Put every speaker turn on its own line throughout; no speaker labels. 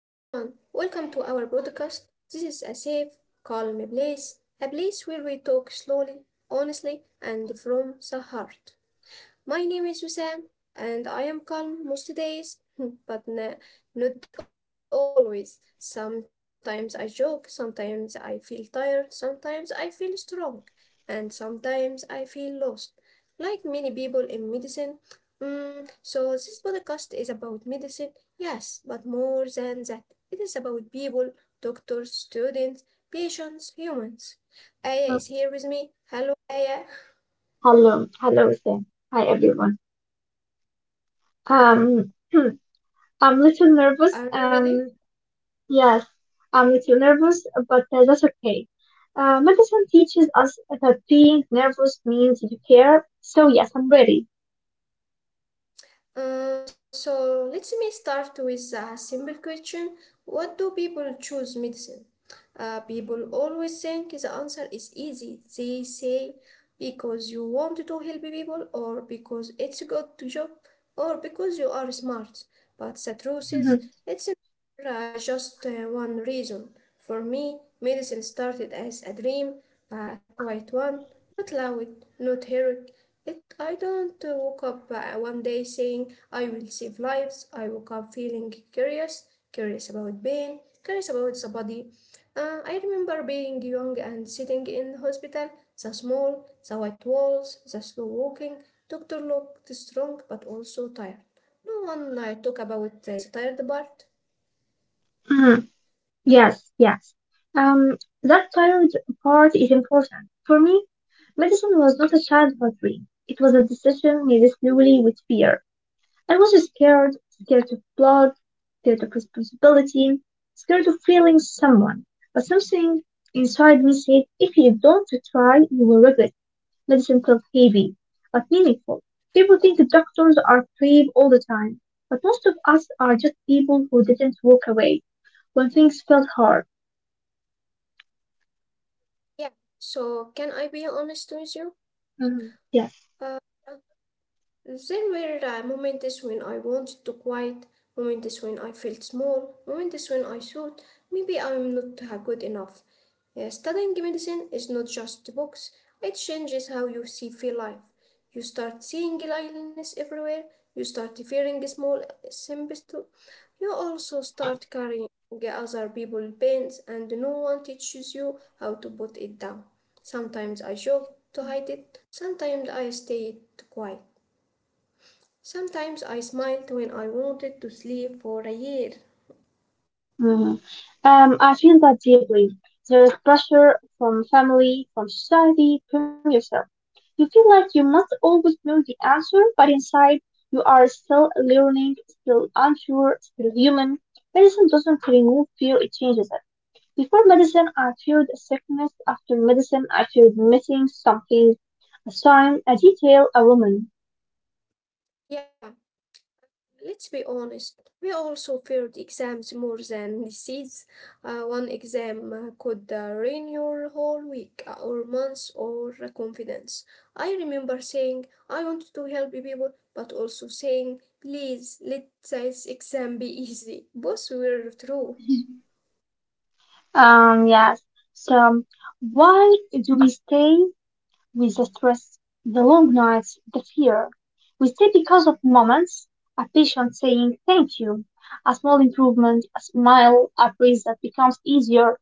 Welcome to our broadcast. This is a safe, calm place, a place where we talk slowly, honestly, and from the heart. My name is Wissam, and I am calm most days, but not always. Sometimes I joke, sometimes I feel tired, sometimes I feel strong, and sometimes I feel lost, like many people in medicine. So, this podcast is about medicine, yes, but more than that, it is about people, doctors, students, patients, humans. Aya
Uh,
is here with me. Hello, Aya.
Hello, hello, Sam. Hi, everyone. Hmm, I'm a little nervous.
Are you
Um,
ready?
yes, I'm a little nervous, but that's okay. Medicine teaches us that being nervous means you care. So yes, I'm ready.
So let me start with a simple question. What do people choose medicine? People always think the answer is easy. They say because you want to help people, or because it's a good job, or because you are smart. But the truth is,
Mhm,
it's just one reason. For me, medicine started as a dream, a quiet one, not loud, not heroic. I don't woke up one day saying, I will save lives. I woke up feeling curious, curious about pain, curious about the body. I remember being young and sitting in hospital, the small, the white walls, the slow walking. Doctor looked strong but also tired. No one talk about the tired part.
mhm. Yes, yes. Um, that tired part is important for me. Medicine was not a childhood dream. It was a decision made slowly with fear. I was scared, scared of blood, scared of responsibility, scared of failing someone. But something inside me said, if you don't try, you will regret. Medicine felt heavy, but meaningful. People think the doctors are brave all the time, but most of us are just people who didn't walk away when things felt hard.
Yeah, so can I be honest with you?
Mhm. Yes.
Uh, then were moments when I wanted to quit, moments when I felt small, moments when I thought maybe I'm not good enough. Studying medicine is not just books, it changes how you see feel life. You start seeing illness everywhere, you start fearing small symptoms too. You also start carrying other people's pains and no one teaches you how to put it down. Sometimes I joke to hide it, sometimes I stay quiet. Sometimes I smiled when I wanted to sleep for a year.
Mhm. I feel that deeply. There is pressure from family, from society, from yourself. You feel like you must always know the answer, but inside you are still learning, still unsure, still human. Medicine doesn't remove fear, it changes it. Before medicine, I feared sickness. After medicine, I feared missing something, a sign, a detail, a woman.
Yeah, let's be honest. We also feared exams more than disease. One exam could ruin your whole week or month or confidence. I remember saying, I want to help people, but also saying, please let this exam be easy. Both were true.
Yes. So, why do we stay? With the stress, the long nights, the fear. We stay because of moments, a patient saying thank you, a small improvement, a smile, a breeze that becomes easier.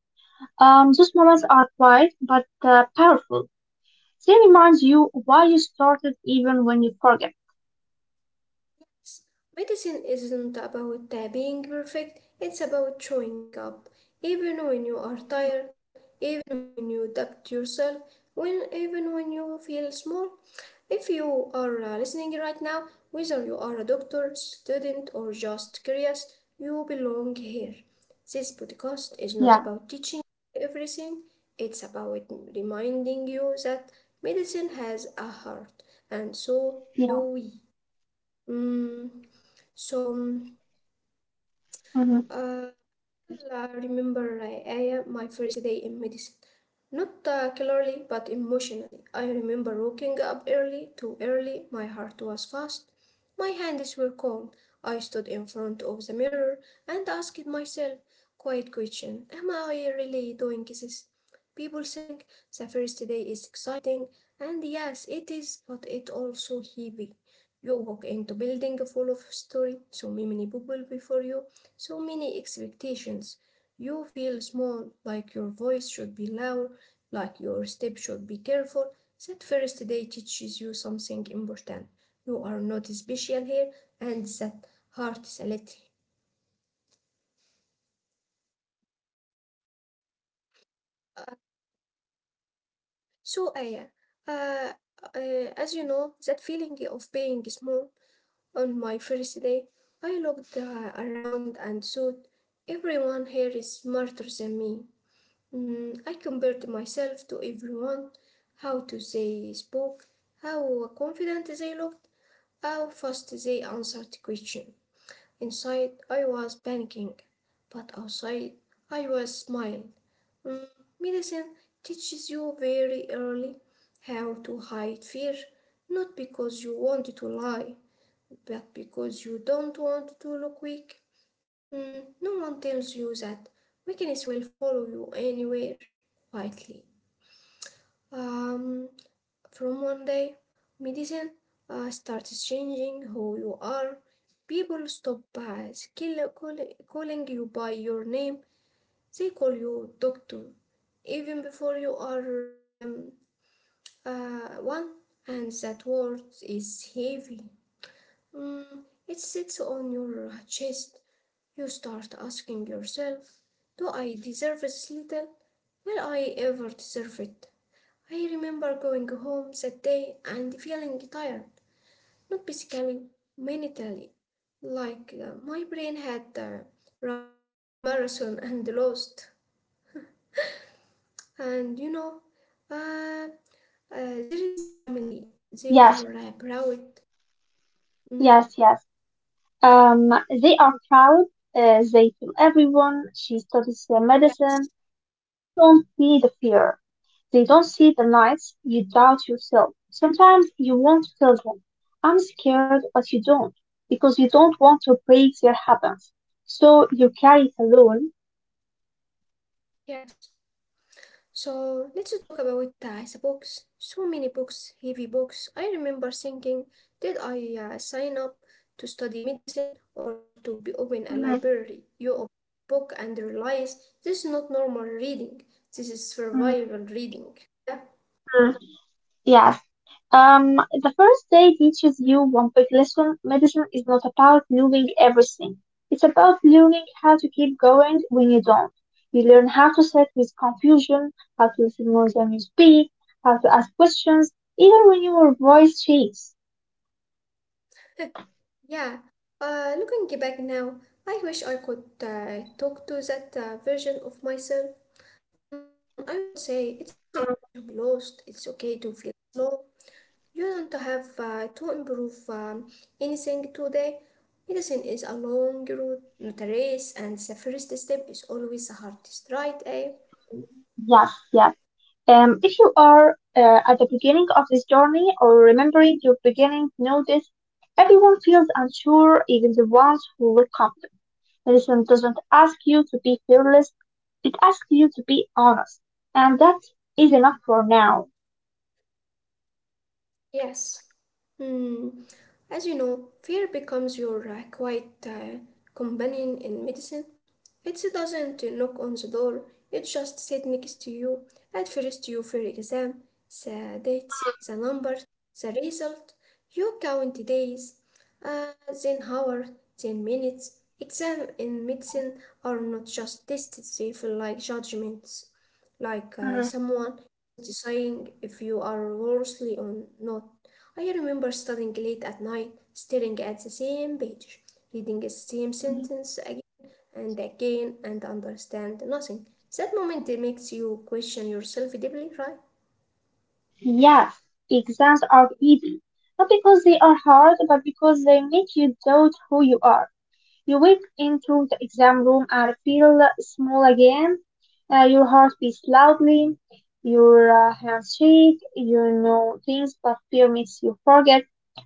Those moments are quiet but powerful. They remind you why you started even when you forget.
Medicine isn't about being perfect, it's about showing up. Even when you are tired, even when you doubt yourself, even when you feel small. If you are listening right now, whether you are a doctor, student, or just curious, you belong here. This podcast is not
Yeah,
about teaching everything, it's about reminding you that medicine has a heart, and so do
yeah.
we. Mm, so,
Hmm.
uh, well, I remember Aya, my first day in medicine. Not clearly, but emotionally. I remember waking up early, too early. My heart was fast. My hands were cold. I stood in front of the mirror and asked myself, quiet question, am I really doing this? People think the first day is exciting, and yes, it is, but it also heavy. You walk into building full of story, so many people before you, so many expectations. You feel small, like your voice should be loud, like your step should be careful. That first day teaches you something important. You are not special here, and that heart is a. So, Aya, uh, as you know, that feeling of being small on my first day, I looked around and thought, everyone here is smarter than me. I compared myself to everyone, how to they spoke, how confident they looked, how fast they answered questions. Inside I was panicking, but outside I was smiling. Mm, Medicine teaches you very early how to hide fear, not because you want to lie. But because you don't want to look weak, no one tells you that. Weakness will follow you anywhere, quietly. Um, from one day, medicine starts changing who you are. People stop calling you by your name. They call you doctor, even before you are one, and that word is heavy. It sits on your chest. You start asking yourself, do I deserve this little? Will I ever deserve it? I remember going home that day and feeling tired, not physically, mentally, like my brain had run a marathon and lost. And uh, there is family, they
Yes,
are proud. Mm.
yes, yes. They are proud. They tell everyone she studies medicine.
Yes,
They don't see the fear. They don't see the lights, you doubt yourself. Sometimes you won't tell them, I'm scared, but you don't, because you don't want to break their habits. So you carry it alone.
yes. So let's talk about the books. So many books, heavy books. I remember thinking, did I sign up to study medicine or to be open a
Mhm,
library? You open a book and realize this is not normal reading. This is
mhm,
survival reading. Yeah,
mhm. Yes. Um, the first day teaches you one big lesson. Medicine is not about knowing everything. It's about learning how to keep going when you don't. You learn how to sit with confusion, how to listen more than you speak, how to ask questions, even when your voice shakes.
yeah. Looking back now, I wish I could talk to that version of myself. I would say it's okay
Mm,
to be lost. It's okay to feel slow. You don't have to improve anything today. Medicine is a long road, not a race, and the first step is always the hardest, right, eh?
yes, yes. If you are at the beginning of this journey or remembering your beginning, notice everyone feels unsure, even the ones who look confident. Medicine doesn't ask you to be fearless, it asks you to be honest. And that is enough for now.
Yes. Hmm. As you know, fear becomes your quiet companion in medicine. It doesn't knock on the door, it just sits next to you. At first, you fear exam, the dates,
Mhm,
the numbers, the result. You count days, uh, then hours, then minutes. Exam in
mhm,
medicine are not just tests, they feel like judgments. Like
mhm,
someone deciding if you are worthy or not. I remember studying
mhm,
late at night, staring at the same page, reading the same
mhm.
sentence again and again and understand nothing. That moment makes you question yourself deeply, right?
Yes, exams are easy. Not because they are hard, but because they make you doubt who you are. You walk into the exam room and feel small again. Your heart beats loudly, your hands shake, you know things, but fear makes you forget.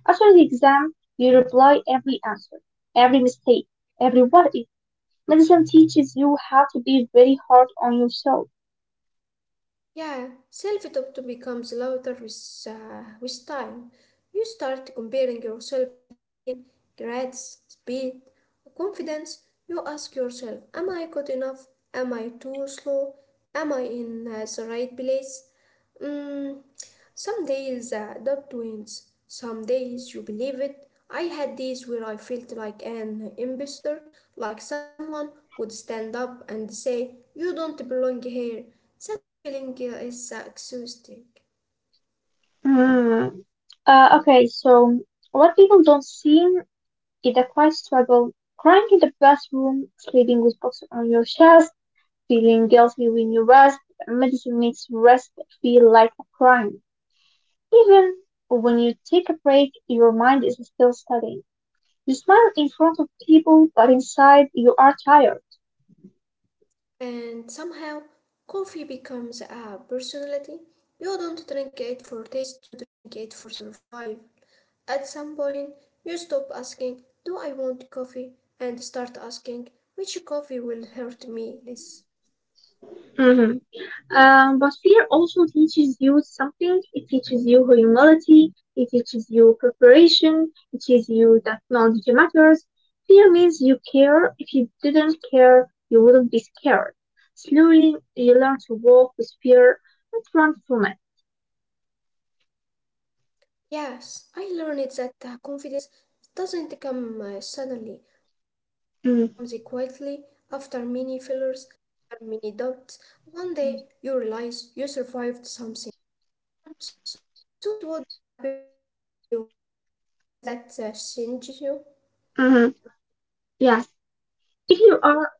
After the exam, you reply every answer, every mistake, every what if. Medicine teaches you how to be very hard on yourself.
Yeah, self-doubt becomes louder with time. You start comparing yourself again, grades, speed, confidence. You ask yourself, am I good enough? Am I too slow? Am I in the right place? Mm, some days the doubt wins, some days you believe it. I had days where I felt like an impostor, like someone
Mhm.
would stand up and say, you don't belong here. That feeling is exhausting.
Mm. Okay, so what people don't see is a quiet struggle, crying in the bathroom, sleeping with books on your chest, feeling guilty when you rest, medicine makes rest feel like a crime. Even when you take a break, your mind is still studying. You smile in front of people, but inside you are tired.
And somehow, coffee becomes a personality. You don't drink it for taste, you drink it for survival. At some point, you stop asking, do I want coffee? And start asking, which coffee will hurt me less?
Mhm. But fear also teaches you something. It teaches you humility. It teaches you preparation. It teaches you that knowledge matters. Fear means you care. If you didn't care, you wouldn't be scared. Slowly, you learn to walk with fear not run from it.
Yes, I learned that confidence doesn't come suddenly. It comes
Mm,
quietly after many failures, after many doubts. One day you realize you survived something. Once, so it would break you, and that changes you.
mm, yes. If you are,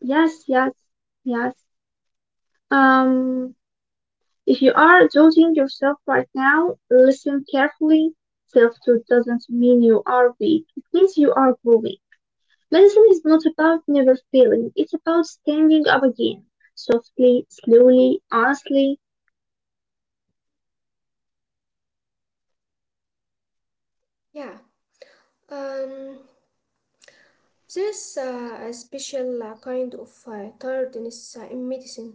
yes, yes, yes. Um, if you are doubting yourself right now, listen carefully. Self doubt doesn't mean you are weak, it means you are growing. Medicine is not about never failing, it's about standing up again. Softly, slowly, honestly.
Yeah. Um, there's a special kind of tiredness in medicine,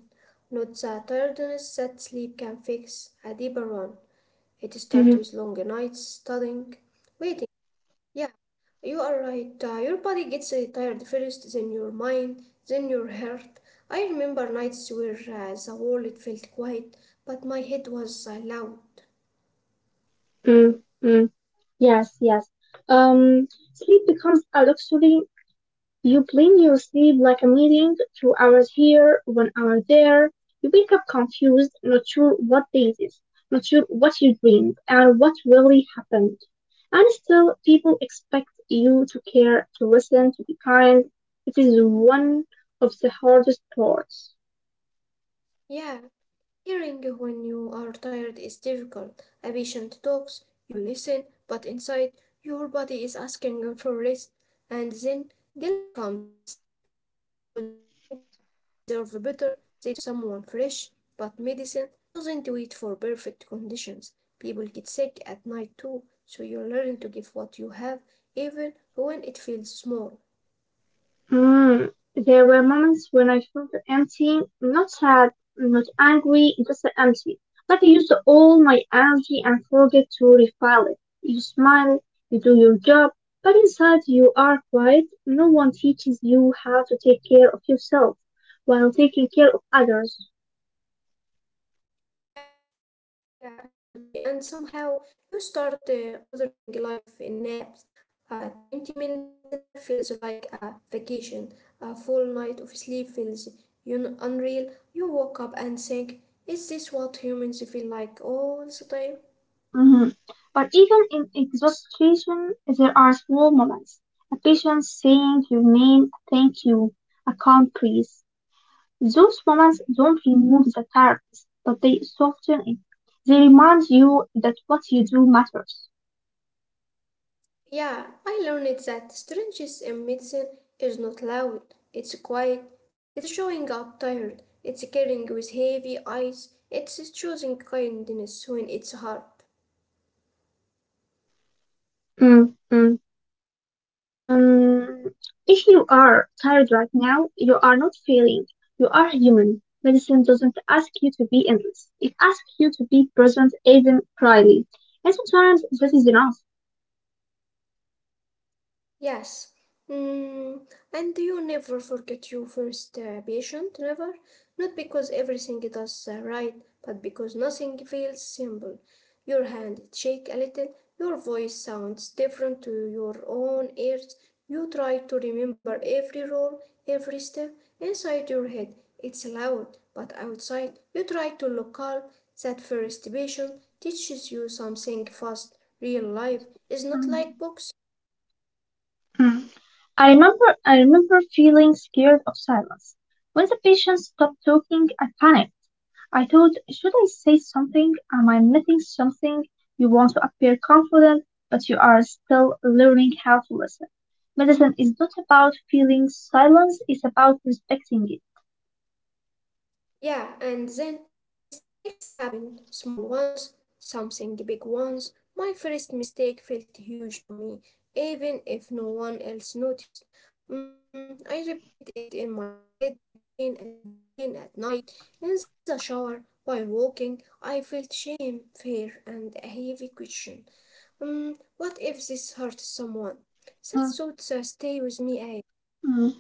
not the tiredness that sleep can fix, a deeper one. It starts
Mm,
with long nights studying, waiting. Yeah, you are right. Your body gets tired first, then your mind, then your heart. I remember nights where the world felt quiet, but my head was loud.
mm, mm. Yes, yes. Um, Sleep becomes a luxury. You blink your sleep like a meeting, 2 hours here, one hour there. You wake up confused, not sure what day it is, not sure what you dreamed and what really happened. And still, people expect you to care, to listen, to be kind. It is one of the hardest parts.
Yeah, hearing when you are tired is difficult. A patient talks, you listen, but inside your body is asking for rest. And then guilt comes because you think they deserve better, they deserve someone fresh. But medicine doesn't wait for perfect conditions. People get sick at night too, so you learn to give what you have, even when it feels small.
Mm, there were moments when I felt empty, not sad, not angry, just empty. Like I used all my energy and forget to refill it. You smile, you do your job, but inside you are quiet. No one teaches you how to take care of yourself while taking care of others.
Yeah, yeah, absolutely. And somehow you start mothering life in naps. A 20-minute nap feels like a vacation. A full night of sleep feels un unreal. You wake up and think, is this what humans feel like all the time?
Mhm. But even in exhaustion, there are small moments. A patient saying your name, thank you, I can't breathe. Those moments don't remove the tiredness, but they soften it. They remind you that what you do matters.
Yeah, I learned that strangeness in medicine is not loud, it's quiet, it's showing up tired, it's carrying with heavy eyes, it's choosing kindness when it's hard.
Mm, mm. Um, if you are tired right now, you are not failing. You are human. Medicine doesn't ask you to be endless. It asks you to be present, even proudly. And sometimes that is enough.
Yes. Mm, and you never forget your first patient, never. Not because everything does right, but because nothing feels simple. Your hand shake a little, your voice sounds different to your own ears. You try to remember every role, every step inside your head. It's loud, but outside you try to look calm. That first patient teaches you something fast. Real life is not
Um,
like books.
mm. I remember feeling scared of silence. When the patient stopped talking, I panicked. I thought, should I say something? Am I missing something? You want to appear confident, but you are still learning how to listen. Medicine is not about feeling silence, it's about respecting it.
Yeah, and then mistakes happen. Small ones, something big ones. My first mistake felt huge to me, even if no one else noticed. I replied it in my head again and again at night, in the shower, while walking. I felt shame, fear, and a heavy question. What if this hurts someone?
Mm,
That thoughts stay with me.
mm.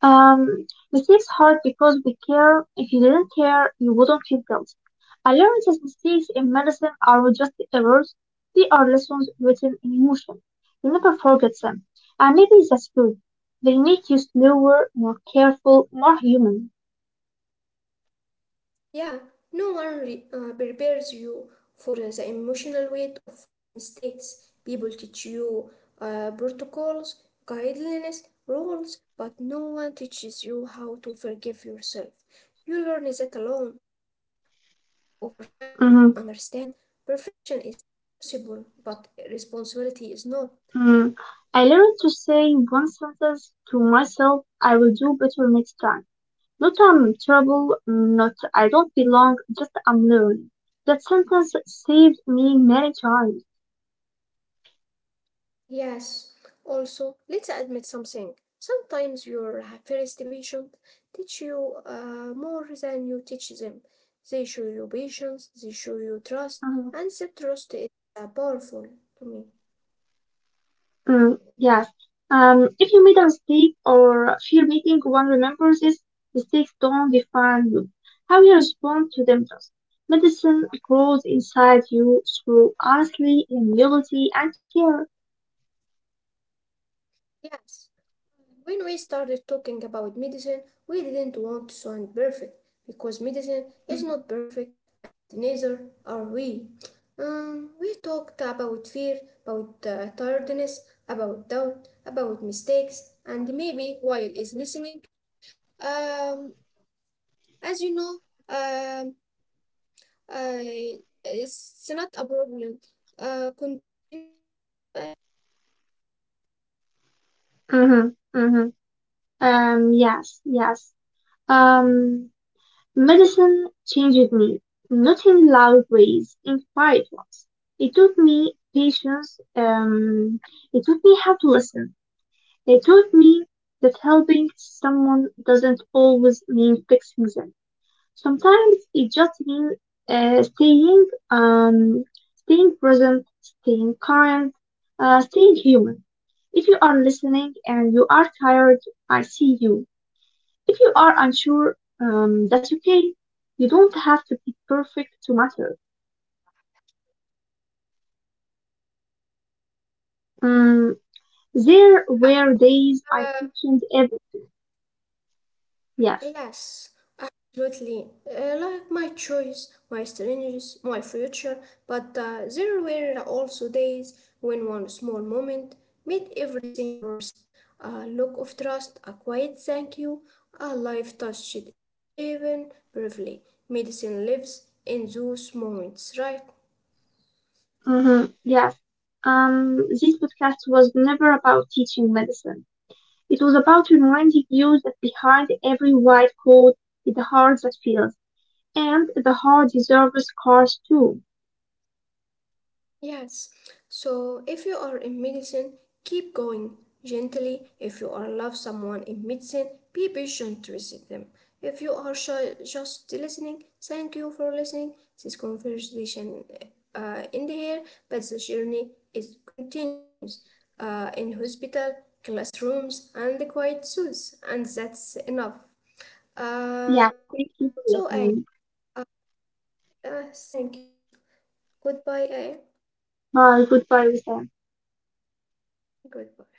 Um, Mistakes hurt because we care. If you didn't care, you wouldn't feel guilty. I learned that mistakes in medicine are just errors. They are lessons written in emotion. You never forget them. And maybe that's good. They make you slower, more careful, more human.
Yeah, no one prepares you for the emotional weight of mistakes. People teach you protocols, guidelines, rules, but no one teaches you how to forgive yourself. You learn that alone. Over time, you
Mhm,
understand perfection is possible, but responsibility is not.
mhm. I learned to say one sentence to myself, I will do better next time. Not I'm trouble, not I don't belong, just I'm learning. That sentence saved me many times.
Yes. Also, let's admit something. Sometimes your first patient teach you more than you teach them. They show you patience, they show you trust,
Um,
and that trust is powerful to me.
mm, yes. If you made a mistake or fear making one remember this, mistakes don't define you. How you respond to them does. Medicine grows inside you through honesty, humility, and care.
Yes. When we started talking about medicine, we didn't want to sound perfect because medicine is not perfect and neither are we. We talked about fear, about tiredness, about doubt, about mistakes, and maybe while is listening. Um, as you know, um, I, it's not a problem. Continue you.
Mm-hmm, mm-hmm. Yes, yes. Um, Medicine changed me, not in loud ways, in quiet ones. It taught me patience. It taught me how to listen. They taught me that helping someone doesn't always mean fixing them. Sometimes it just means staying, staying present, staying kind, staying human. If you are listening and you are tired, I see you. If you are unsure, that's okay. You don't have to be perfect to matter. Um, there
Uh,
were days I
uh,
questioned everything. Yes,
yes. Absolutely. Like my choice, my strangers, my future, but there were also days when one small moment made everything worse. A look of trust, a quiet thank you, a life touched even briefly. Medicine lives in those moments, right?
hmm. Yes. This podcast was never about teaching medicine. It was about reminding you that behind every white coat is a heart that feels, and the heart deserves scars too.
Yes. So if you are in medicine, keep going gently. If you are love someone in medicine, be patient with them. If you are shy, just listening, thank you for listening. This conversation end here, but the journey is continues in hospital, classrooms, and the quiet zoos, and that's enough.
Yeah, thank
So
you for
I
listening.
uh, thank you. Goodbye, I.
Bye. Goodbye, Wissam.
Goodbye.